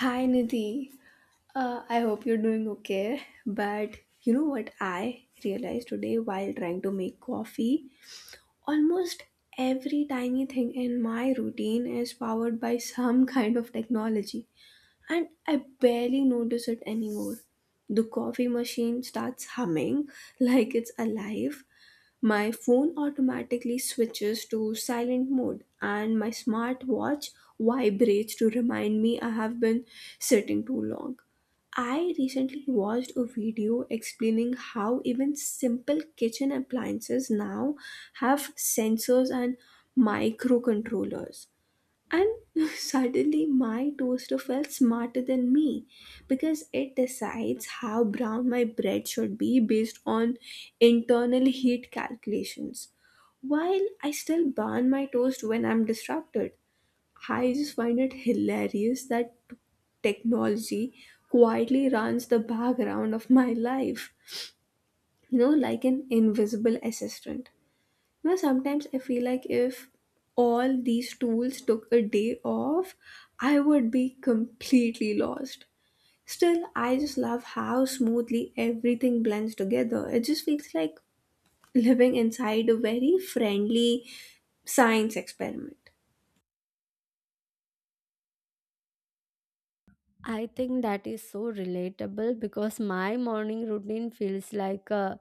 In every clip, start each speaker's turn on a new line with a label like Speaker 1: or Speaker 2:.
Speaker 1: Hi Nidhi. I hope you're doing okay. But you know what I realized today while trying to make coffee? Almost every tiny thing in my routine is powered by some kind of technology, and I barely notice it anymore. The coffee machine starts humming like it's alive, my phone automatically switches to silent mode, and my smartwatch vibrates to remind me I have been sitting too long. I recently watched a video explaining how even simple kitchen appliances now have sensors and microcontrollers. And suddenly, my toaster felt smarter than me because it decides how brown my bread should be based on internal heat calculations. While I still burn my toast when I'm disrupted, I just find it hilarious that technology quietly runs the background of my life, like an invisible assistant. You know, sometimes I feel like if all these tools took a day off, I would be completely lost. Still, I just love how smoothly everything blends together. It just feels like living inside a very friendly science experiment.
Speaker 2: I think that is so relatable because my morning routine feels like a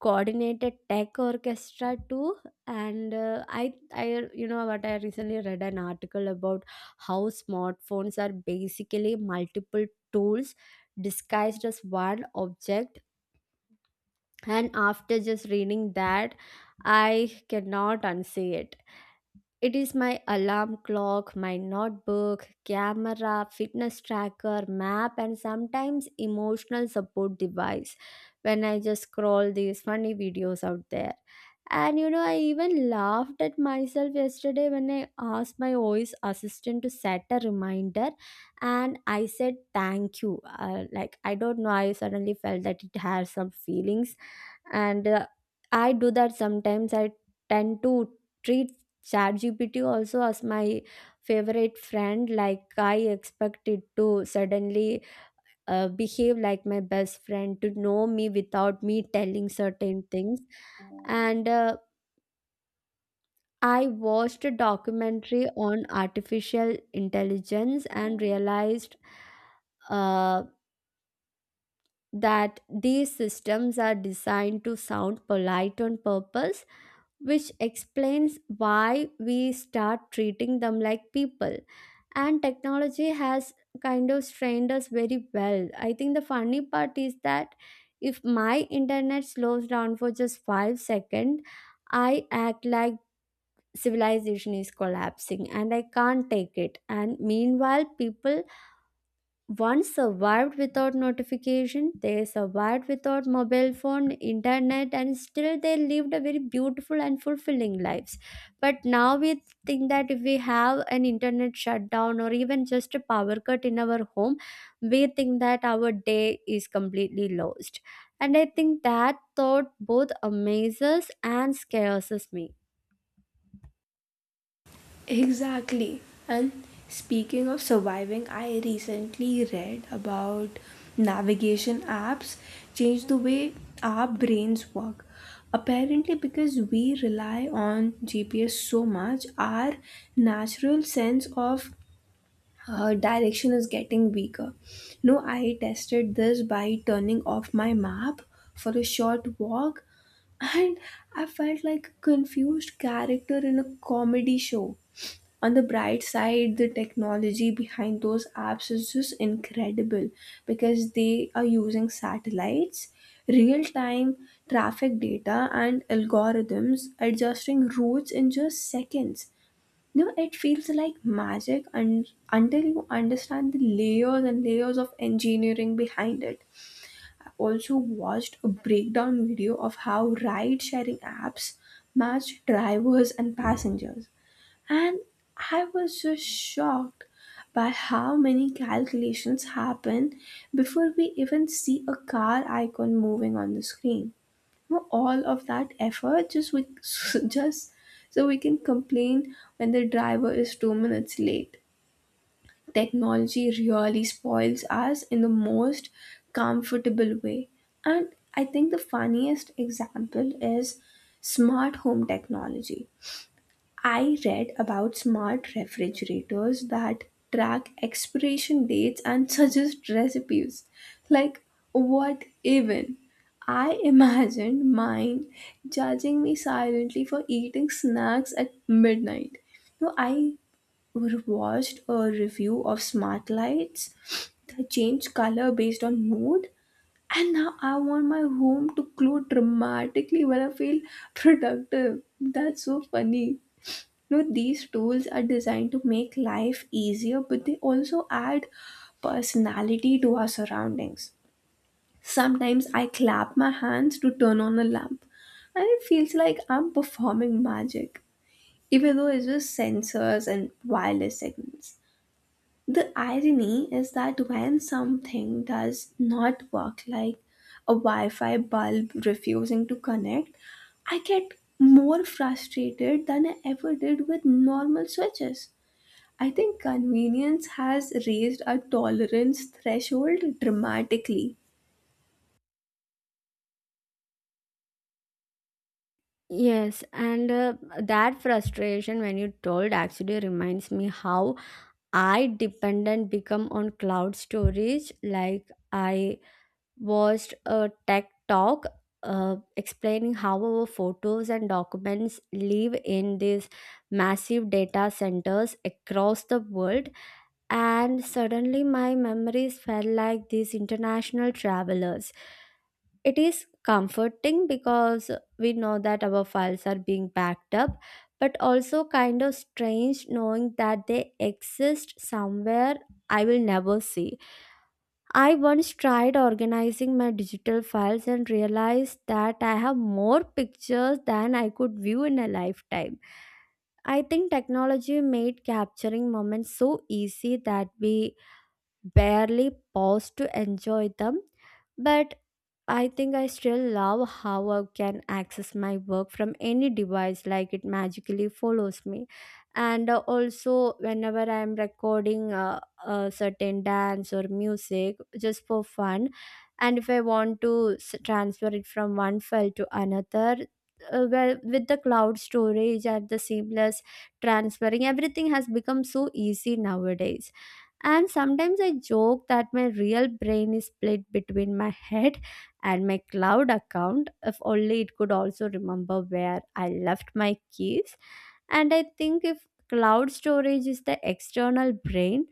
Speaker 2: coordinated tech orchestra too. And I, you know, what I recently read an article about how smartphones are basically multiple tools disguised as one object. And after just reading that, I cannot unsee it. It is my alarm clock, my notebook, camera, fitness tracker, map, and sometimes emotional support device when I just scroll these funny videos out there. And you know, I even laughed at myself yesterday when I asked my voice assistant to set a reminder and I said thank you. I don't know, I suddenly felt that it has some feelings and I do that sometimes. I tend to treat ChatGPT also as my favorite friend. Like I expect it to suddenly behave like my best friend to know me without me telling certain things. And I watched a documentary on artificial intelligence and realized uh, that these systems are designed to sound polite on purpose, which explains why we start treating them like people. And technology has kind of strained us very well. I think the funny part is that if my internet slows down for just 5 seconds, I act like civilization is collapsing and I can't take it. And meanwhile, people one survived without notification, they survived without mobile phone, internet, and still they lived a very beautiful and fulfilling lives. But now we think that if we have an internet shutdown or even just a power cut in our home, we think that our day is completely lost. And I think that thought both amazes and scares me.
Speaker 1: Exactly. And speaking of surviving, I recently read about navigation apps change the way our brains work. Apparently, because we rely on GPS so much, our natural sense of direction is getting weaker. No, I tested this by turning off my map for a short walk, and I felt like a confused character in a comedy show. On the bright side, the technology behind those apps is just incredible because they are using satellites, real time traffic data, and algorithms adjusting routes in just seconds. You know, it feels like magic, and until you understand the layers and layers of engineering behind it. I also watched a breakdown video of how ride sharing apps match drivers and passengers, and I was just shocked by how many calculations happen before we even see a car icon moving on the screen. You All of that effort just just so we can complain when the driver is two minutes late. Technology really spoils us in the most comfortable way. And I think the funniest example is smart home technology. I read about smart refrigerators that track expiration dates and suggest recipes. Like, what even? I imagined mine judging me silently for eating snacks at midnight. No, I watched a review of smart lights that change color based on mood, and now I want my home to glow dramatically when I feel productive. That's so funny. Now, these tools are designed to make life easier, but they also add personality to our surroundings. Sometimes I clap my hands to turn on a lamp, and it feels like I'm performing magic, even though it's just sensors and wireless signals. The irony is that when something does not work, like a Wi Fi bulb refusing to connect, I get more frustrated than I ever did with normal switches. I think convenience has raised our tolerance threshold dramatically.
Speaker 2: Yes, and that frustration when you told actually reminds me how I dependent become on cloud storage. Like I watched a tech talk explaining how our photos and documents live in these massive data centers across the world, and suddenly my memories felt like these international travelers. It is comforting because we know that our files are being backed up, but also kind of strange knowing that they exist somewhere I will never see. I once tried organizing my digital files and realized that I have more pictures than I could view in a lifetime. I think technology made capturing moments so easy that we barely paused to enjoy them, but I think I still love how I can access my work from any device, like it magically follows me. And Also, whenever I'm recording a certain dance or music just for fun, and if I want to transfer it from one file to another, well, with the cloud storage and the seamless transferring, everything has become so easy nowadays. And sometimes I joke that my real brain is split between my head and my cloud account. If only it could also remember where I left my keys. And I think if cloud storage is the external brain,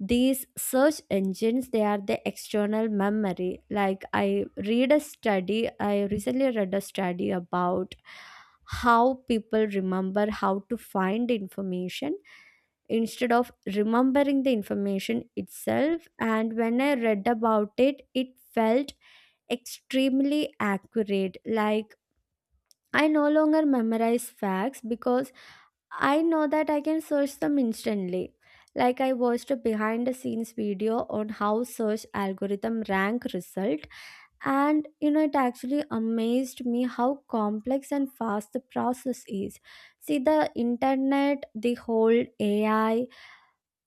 Speaker 2: these search engines they are the external memory. Like I recently read a study about how people remember how to find information instead of remembering the information itself, and when I read about it, it felt extremely accurate. Like I no longer memorize facts because I know that I can search them instantly. Like I watched a behind the scenes video on how search algorithm rank result, and you know it actually amazed me how complex and fast the process is. See, the internet, the whole AI,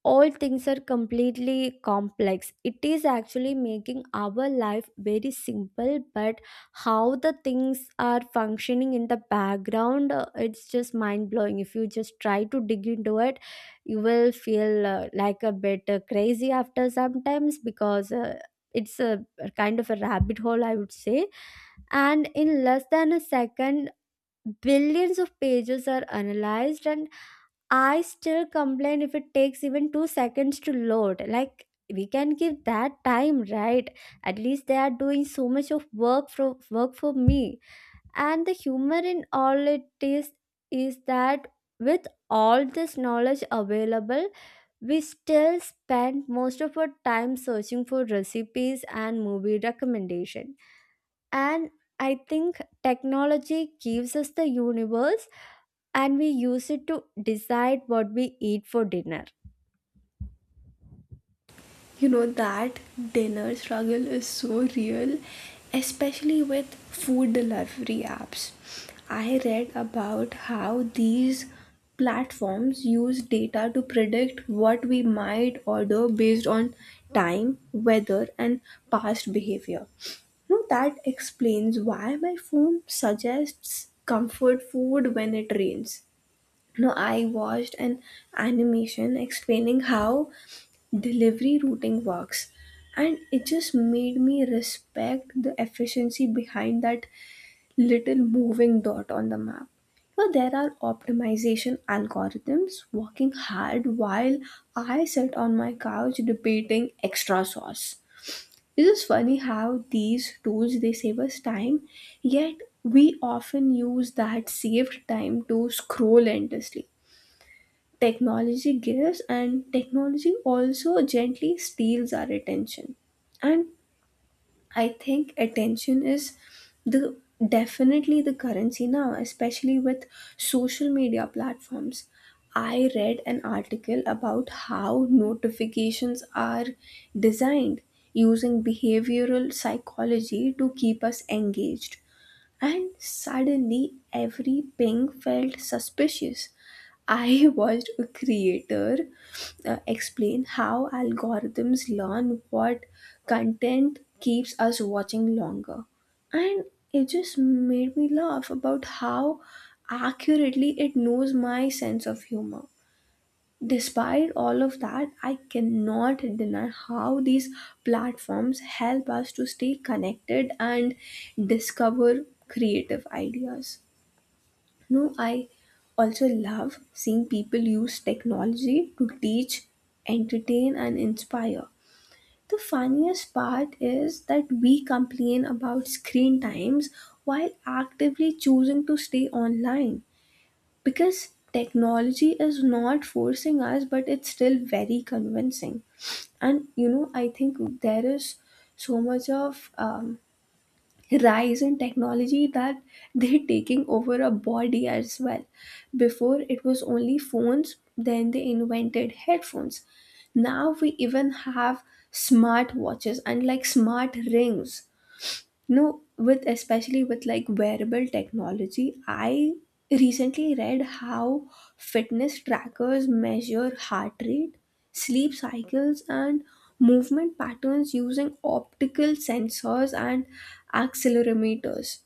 Speaker 2: all things are completely complex. It is actually making our life very simple, but how the things are functioning in the background, it's just mind blowing. If you just try to dig into it, you will feel like a bit crazy after sometimes because it's a kind of a rabbit hole, I would say. And in less than a second, billions of pages are analyzed, and I still complain if it takes even 2 seconds to load. Like, we can give that time, right? At least they are doing so much of work for me. And the humor in all it is that with all this knowledge available, we still spend most of our time searching for recipes and movie recommendation. And I think technology gives us the universe and we use it to decide what we eat for dinner.
Speaker 1: You know, that dinner struggle is so real, especially with food delivery apps. I read about how these platforms use data to predict what we might order based on time, weather, and past behavior. No, that explains why my phone suggests comfort food when it rains. No, I watched an animation explaining how delivery routing works, and it just made me respect the efficiency behind that little moving dot on the map. So there are optimization algorithms working hard while I sit on my couch debating extra sauce. It is funny how these tools they save us time, yet we often use that saved time to scroll endlessly. Technology gives, and technology also gently steals our attention. And I think attention is the definitely the currency now, especially with social media platforms. I read an article about how notifications are designed using behavioral psychology to keep us engaged, and suddenly every ping felt suspicious. I watched a creator explain how algorithms learn what content keeps us watching longer. And it just made me laugh about how accurately it knows my sense of humor. Despite all of that, I cannot deny how these platforms help us to stay connected and discover creative ideas. No, I also love seeing people use technology to teach, entertain, and inspire. The funniest part is that we complain about screen times while actively choosing to stay online, because technology is not forcing us, but it's still very convincing. And you know, I think there is so much of rise in technology that they're taking over a body as well. Before it was only phones, then they invented headphones. Now we even have smart watches and like smart rings. No, with especially with like wearable technology, I recently read how fitness trackers measure heart rate, sleep cycles, and movement patterns using optical sensors and accelerometers.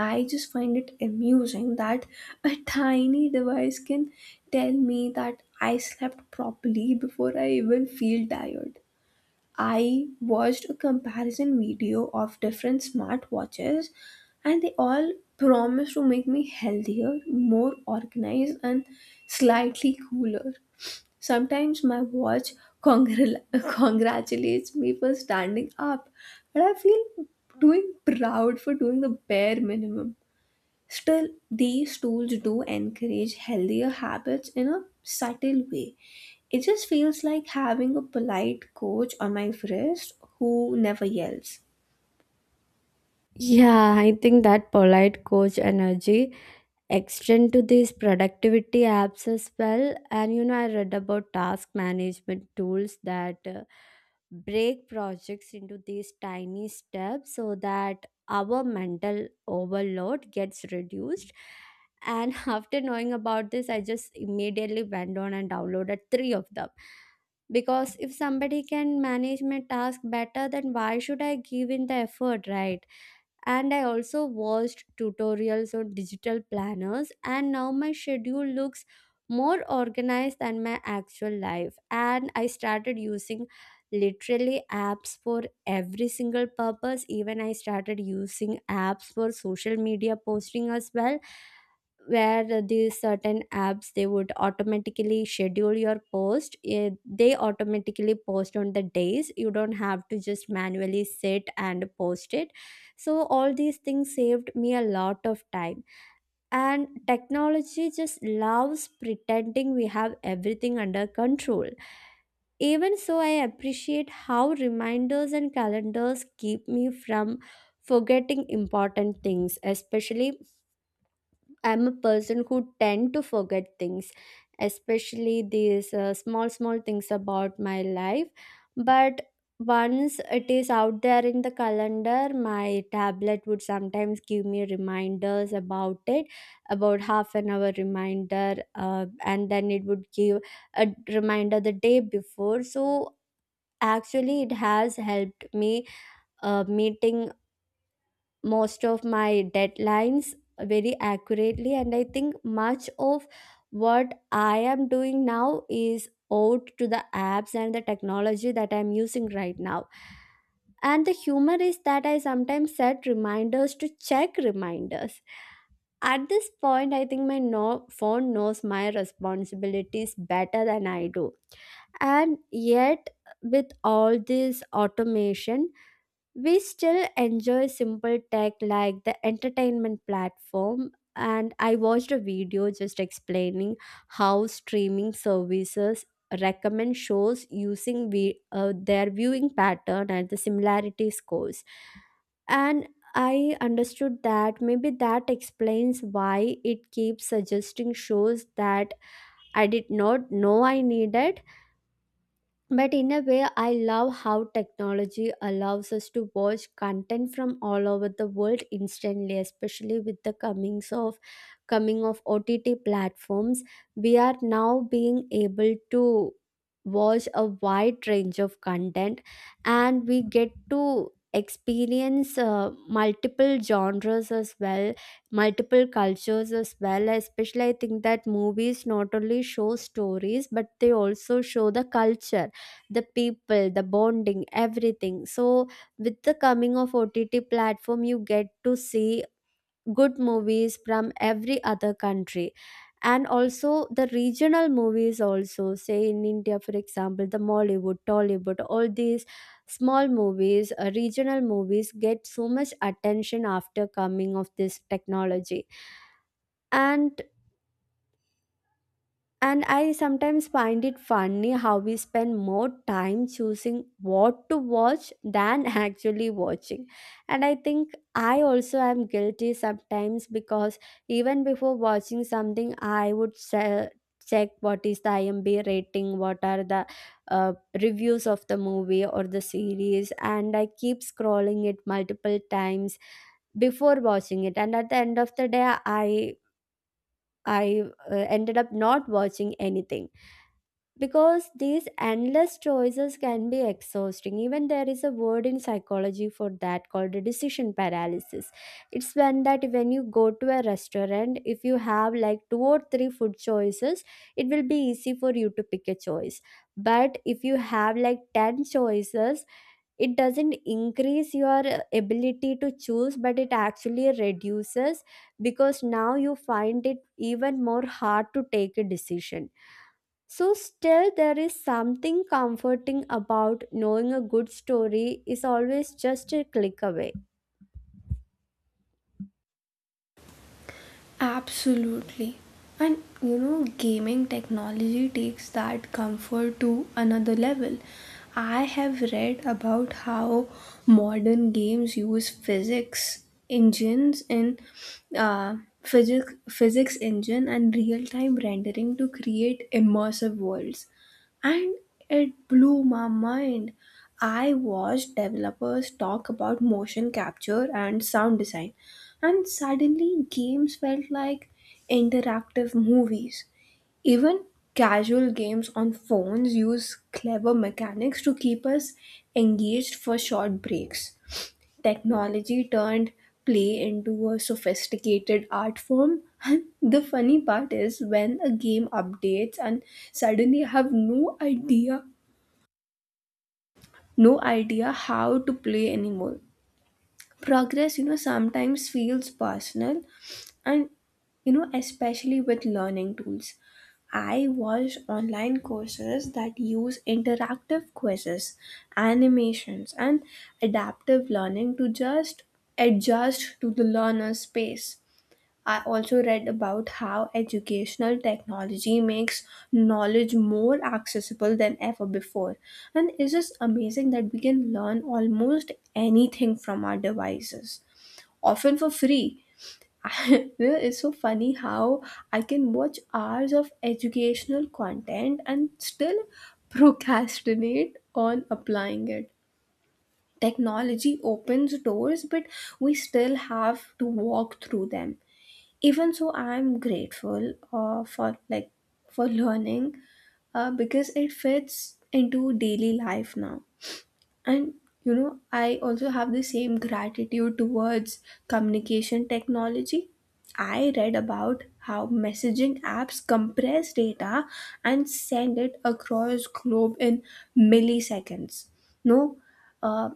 Speaker 1: I just find it amusing that a tiny device can tell me that I slept properly before I even feel tired. I watched a comparison video of different smartwatches, and they all promise to make me healthier, more organized, and slightly cooler. Sometimes my watch congra- congratulates me for standing up, but I feel doing proud for doing the bare minimum. Still, these tools do encourage healthier habits in a subtle way. It just feels like having a polite coach on my wrist who never yells.
Speaker 2: Yeah, I think that polite coach energy extend to these productivity apps as well. And you know, I read about task management tools that break projects into these tiny steps so that our mental overload gets reduced, and after knowing about this, I just immediately went on and downloaded three of them, because if somebody can manage my task better, then why should I give in the effort, right? And I also watched tutorials on digital planners, and now my schedule looks more organized than my actual life. And I started using literally apps for every single purpose. Even I started using apps for social media posting as well, where these certain apps they would automatically schedule your post. Eh, they automatically post on the days, you don't have to just manually sit and post it, so all these things saved me a lot of time. And technology just loves pretending we have everything under control. Even so, I appreciate how reminders and calendars keep me from forgetting important things, especially I'm a person who tend to forget things, especially these small small things about my life. But once it is out there in the calendar, my tablet would sometimes give me reminders about it, about half an hour reminder, and then it would give a reminder the day before. So actually, it has helped me meeting most of my deadlines very accurately. And I think much of what I am doing now is owed to the apps and the technology that I'm using right now. And the humor is that I sometimes set reminders to check reminders. At this point, I think my phone knows my responsibilities better than I do. And yet, with all this automation, we still enjoy simple tech like the entertainment platform. And I watched a video just explaining how streaming services recommend shows using their viewing pattern and the similarity scores. And I understood that maybe that explains why it keeps suggesting shows that I did not know I needed. But in a way, I love how technology allows us to watch content from all over the world instantly, especially with the coming of OTT platforms. We are now being able to watch a wide range of content, and we get to experience multiple genres as well, multiple cultures as well. Especially I think that movies not only show stories, but they also show the culture, the people, the bonding, everything. So with the coming of OTT platform, you get to see good movies from every other country, and also the regional movies. Also, say in India, for example, the Mollywood, Tollywood, all these small movies, regional movies get so much attention after coming of this technology. And And I sometimes find it funny how we spend more time choosing what to watch than actually watching. And I think I also am guilty sometimes because even before watching something, I would check what is the IMDb rating, what are the uh, reviews of the movie or the series, and I keep scrolling it multiple times before watching it. And at the end of the day, I ended up not watching anything, because these endless choices can be exhausting. Even there is a word in psychology for that called a decision paralysis. It's when that when you go to a restaurant, if you have like two or three food choices, it will be easy for you to pick a choice. But if you have like 10 choices, it doesn't increase your ability to choose, but it actually reduces, because now you find it even more hard to take a decision. So, still, there is something comforting about knowing a good story is always just a click away.
Speaker 1: Absolutely. And you know, gaming technology takes that comfort to another level. I have read about how modern games use physics engines in physics engine and real time rendering to create immersive worlds, and it blew my mind. I watched developers talk about motion capture and sound design, and suddenly games felt like interactive movies. Even casual games on phones use clever mechanics to keep us engaged for short breaks. Technology turned play into a sophisticated art form. And the funny part is when a game updates and suddenly have no idea, how to play anymore. Progress, you know, sometimes feels personal. And you know, especially with learning tools, I watch online courses that use interactive quizzes, animations, and adaptive learning to just adjust to the learner's pace. I also read about how educational technology makes knowledge more accessible than ever before. And it's just amazing that we can learn almost anything from our devices, often for free. It's so funny how I can watch hours of educational content and still procrastinate on applying it. Technology opens doors, but we still have to walk through them. Even so, I'm grateful for for learning, because it fits into daily life now. And you know, I also have the same gratitude towards communication technology. I read about how messaging apps compress data and send it across globe in milliseconds. No uh,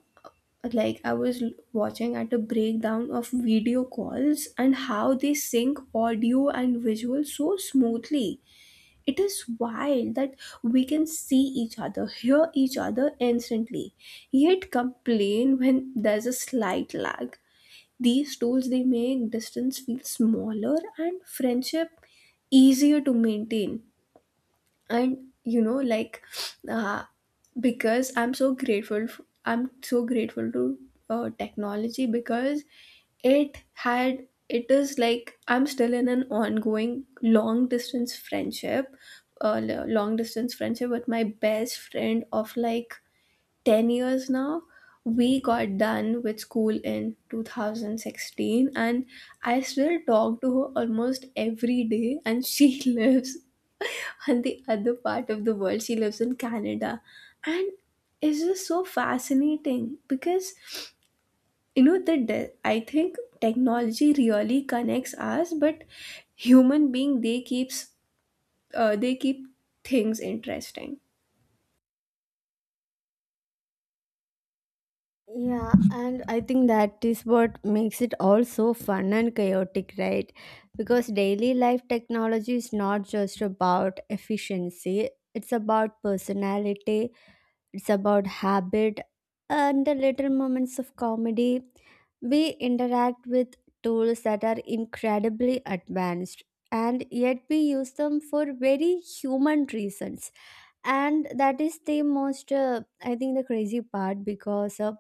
Speaker 1: like, I was watching at a breakdown of video calls and how they sync audio and visual so smoothly. It is wild that we can see each other, hear each other instantly, yet complain when there's a slight lag. These tools they make distance feel smaller and friendship easier to maintain. And you know, uh, because I'm so grateful to technology, because it is like I'm still in an ongoing long distance friendship long distance friendship with my best friend of like 10 years now. We got done with school in 2016, and I still talk to her almost every day, and she lives on the other part of the world. She lives in Canada, and it's just so fascinating because I think technology really connects us, but human being they keeps they keep things interesting.
Speaker 2: Yeah, and I think that is what makes it all so fun and chaotic, right? Because daily life technology is not just about efficiency, it's about personality, it's about habit and the little moments of comedy. We interact with tools that are incredibly advanced, and yet we use them for very human reasons. And that is the most I think the crazy part, because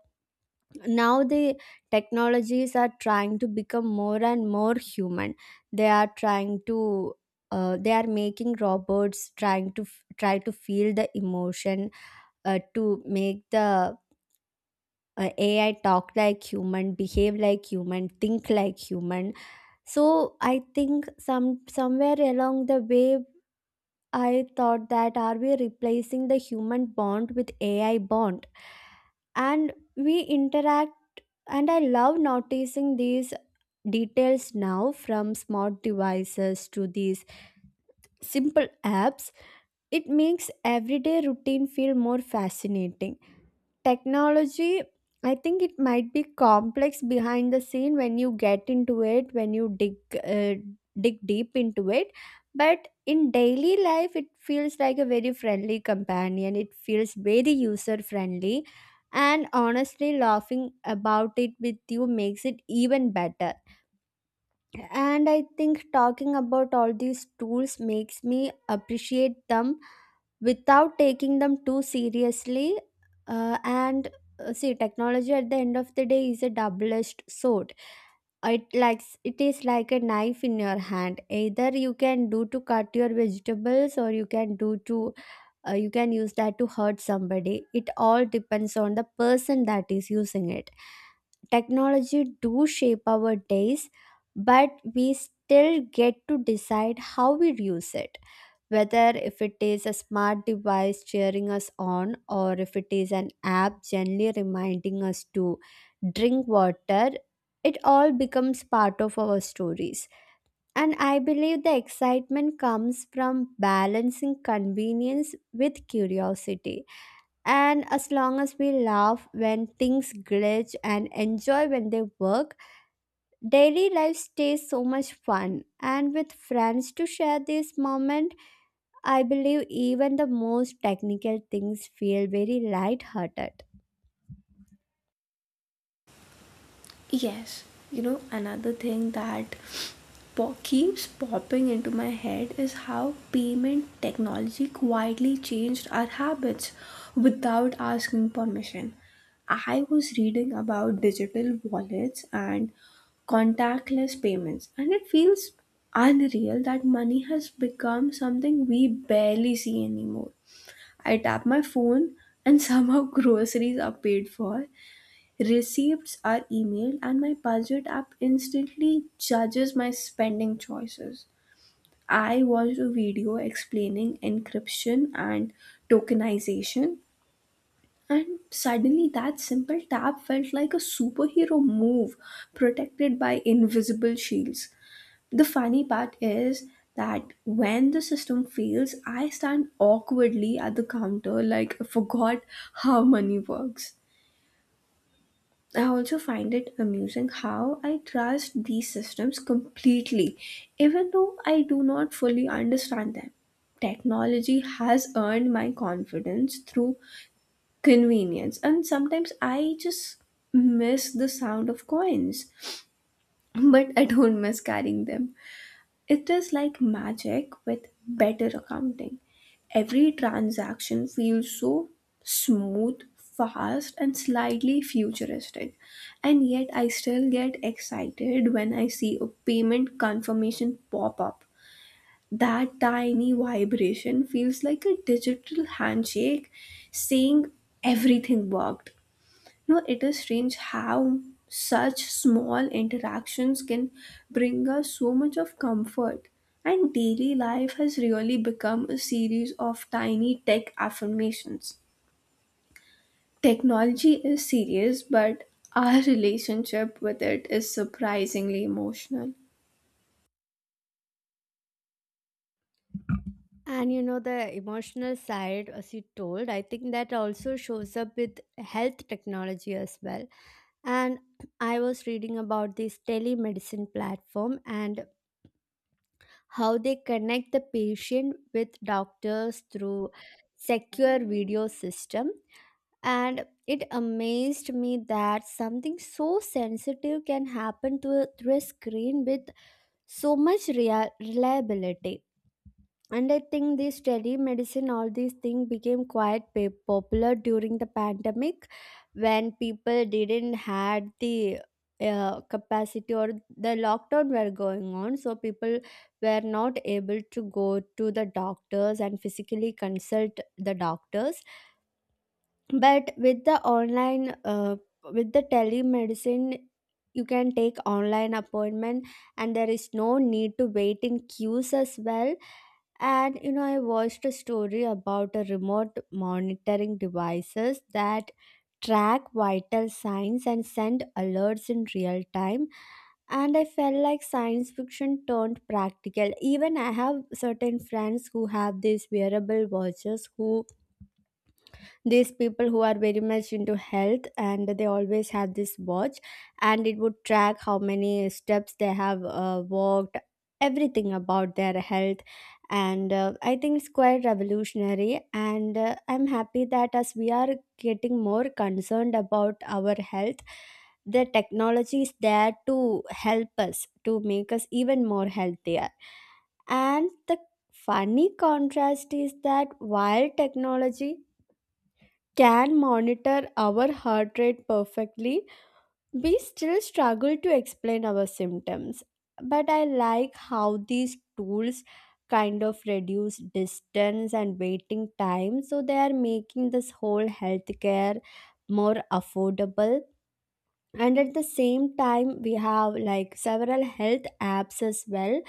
Speaker 2: now the technologies are trying to become more and more human. They are trying to, they are making robots trying to try to feel the emotion, to make the AI talk like human, behave like human, think like human. So I think somewhere along the way, I thought that are we replacing the human bond with AI bond, and we interact. And I love noticing these details now, from smart devices to these simple apps. It makes everyday routine feel more fascinating. Technology, I think it might be complex behind the scene when you get into it, when you dig uh, dig deep into it. But in daily life it feels like a very friendly companion, it feels very user friendly, and honestly laughing about it with you makes it even better. And I think talking about all these tools makes me appreciate them without taking them too seriously. And See, technology at the end of the day is a double-edged sword. It is like a knife in your hand. Either you can do to cut your vegetables, or you can do to you can use that to hurt somebody. It all depends on the person that is using it. Technology do shape our days, but we still get to decide how we use it, whether if it is a smart device cheering us on or if it is an app gently reminding us to drink water. It all becomes part of our stories, and I believe the excitement comes from balancing convenience with curiosity. And as long as we laugh when things glitch and enjoy when they work, daily life stays so much fun. And with friends to share these moments, I believe even the most technical things feel very light-hearted.
Speaker 1: Yes, you know, another thing that keeps popping into my head is how payment technology quietly changed our habits without asking permission. I was reading about digital wallets and contactless payments, and it feels unreal that money has become something we barely see anymore. I tap my phone, and somehow groceries are paid for. Receipts are emailed, and my budget app instantly judges my spending choices. I watched a video explaining encryption and tokenization, and suddenly that simple tap felt like a superhero move protected by invisible shields. The funny part is that when the system fails, I stand awkwardly at the counter like I forgot how money works. I also find it amusing how I trust these systems completely, even though I do not fully understand them. Technology has earned my confidence through convenience, and sometimes I just miss the sound of coins, but I don't miss carrying them. It is like magic with better accounting. Every transaction feels so smooth, fast, and slightly futuristic. And yet, I still get excited when I see a payment confirmation pop up. That tiny vibration feels like a digital handshake saying everything worked. No, it is strange how such small interactions can bring us so much of comfort. And daily life has really become a series of tiny tech affirmations. Technology is serious, but our relationship with it is surprisingly emotional.
Speaker 2: And you know, the emotional side, as you told, I think that also shows up with health technology as well. And I was reading about this telemedicine platform and how they connect the patient with doctors through secure video system. And it amazed me that something so sensitive can happen to a, through a screen with so much reliability. And I think this telemedicine, all these things became quite popular during the pandemic, when people didn't had the capacity, or the lockdown were going on, so people were not able to go to the doctors and physically consult the doctors. But with the online with the telemedicine you can take online appointment, and there is no need to wait in queues as well. And you know, I watched a story about a remote monitoring devices that track vital signs and send alerts in real time, and I felt like science fiction turned practical. Even I have certain friends who have these wearable watches, who these people who are very much into health, and they always have this watch, and it would track how many steps they have walked, everything about their health. And I think it's quite revolutionary, and I'm happy that as we are getting more concerned about our health, the technology is there to help us to make us even more healthier. And the funny contrast is that while technology can monitor our heart rate perfectly, we still struggle to explain our symptoms. But I like how these tools kind of reduce distance and waiting time, so they are making this whole healthcare more affordable. And at the same time we have like several health apps as well,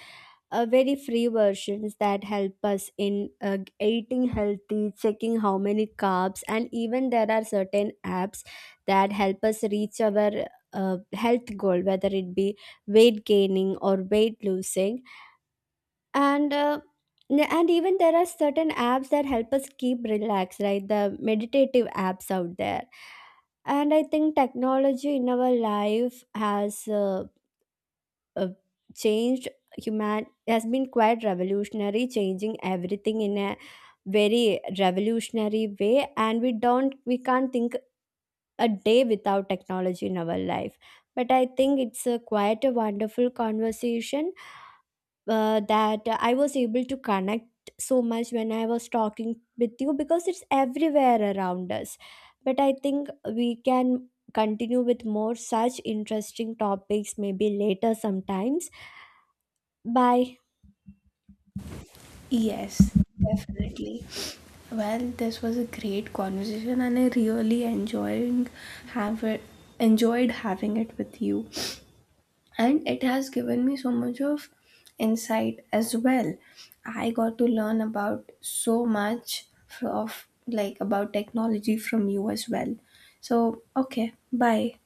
Speaker 2: very free versions that help us in eating healthy, checking how many carbs, and even there are certain apps that help us reach our health goal, whether it be weight gaining or weight losing. And and even there are certain apps that help us keep relaxed, right, the meditative apps out there. And I think technology in our life has uh, changed human, has been quite revolutionary, changing everything in a very revolutionary way, and we can't think a day without technology in our life. But I think it's a quite a wonderful conversation that I was able to connect so much when I was talking with you, because it's everywhere around us. But I think we can continue with more such interesting topics maybe later sometimes. Bye.
Speaker 1: Yes, definitely. Well, this was a great conversation, and I really enjoying have it, enjoyed having it with you. And it has given me so much of insight as well. I got to learn about so much f- of like about technology from you as well. So okay, bye.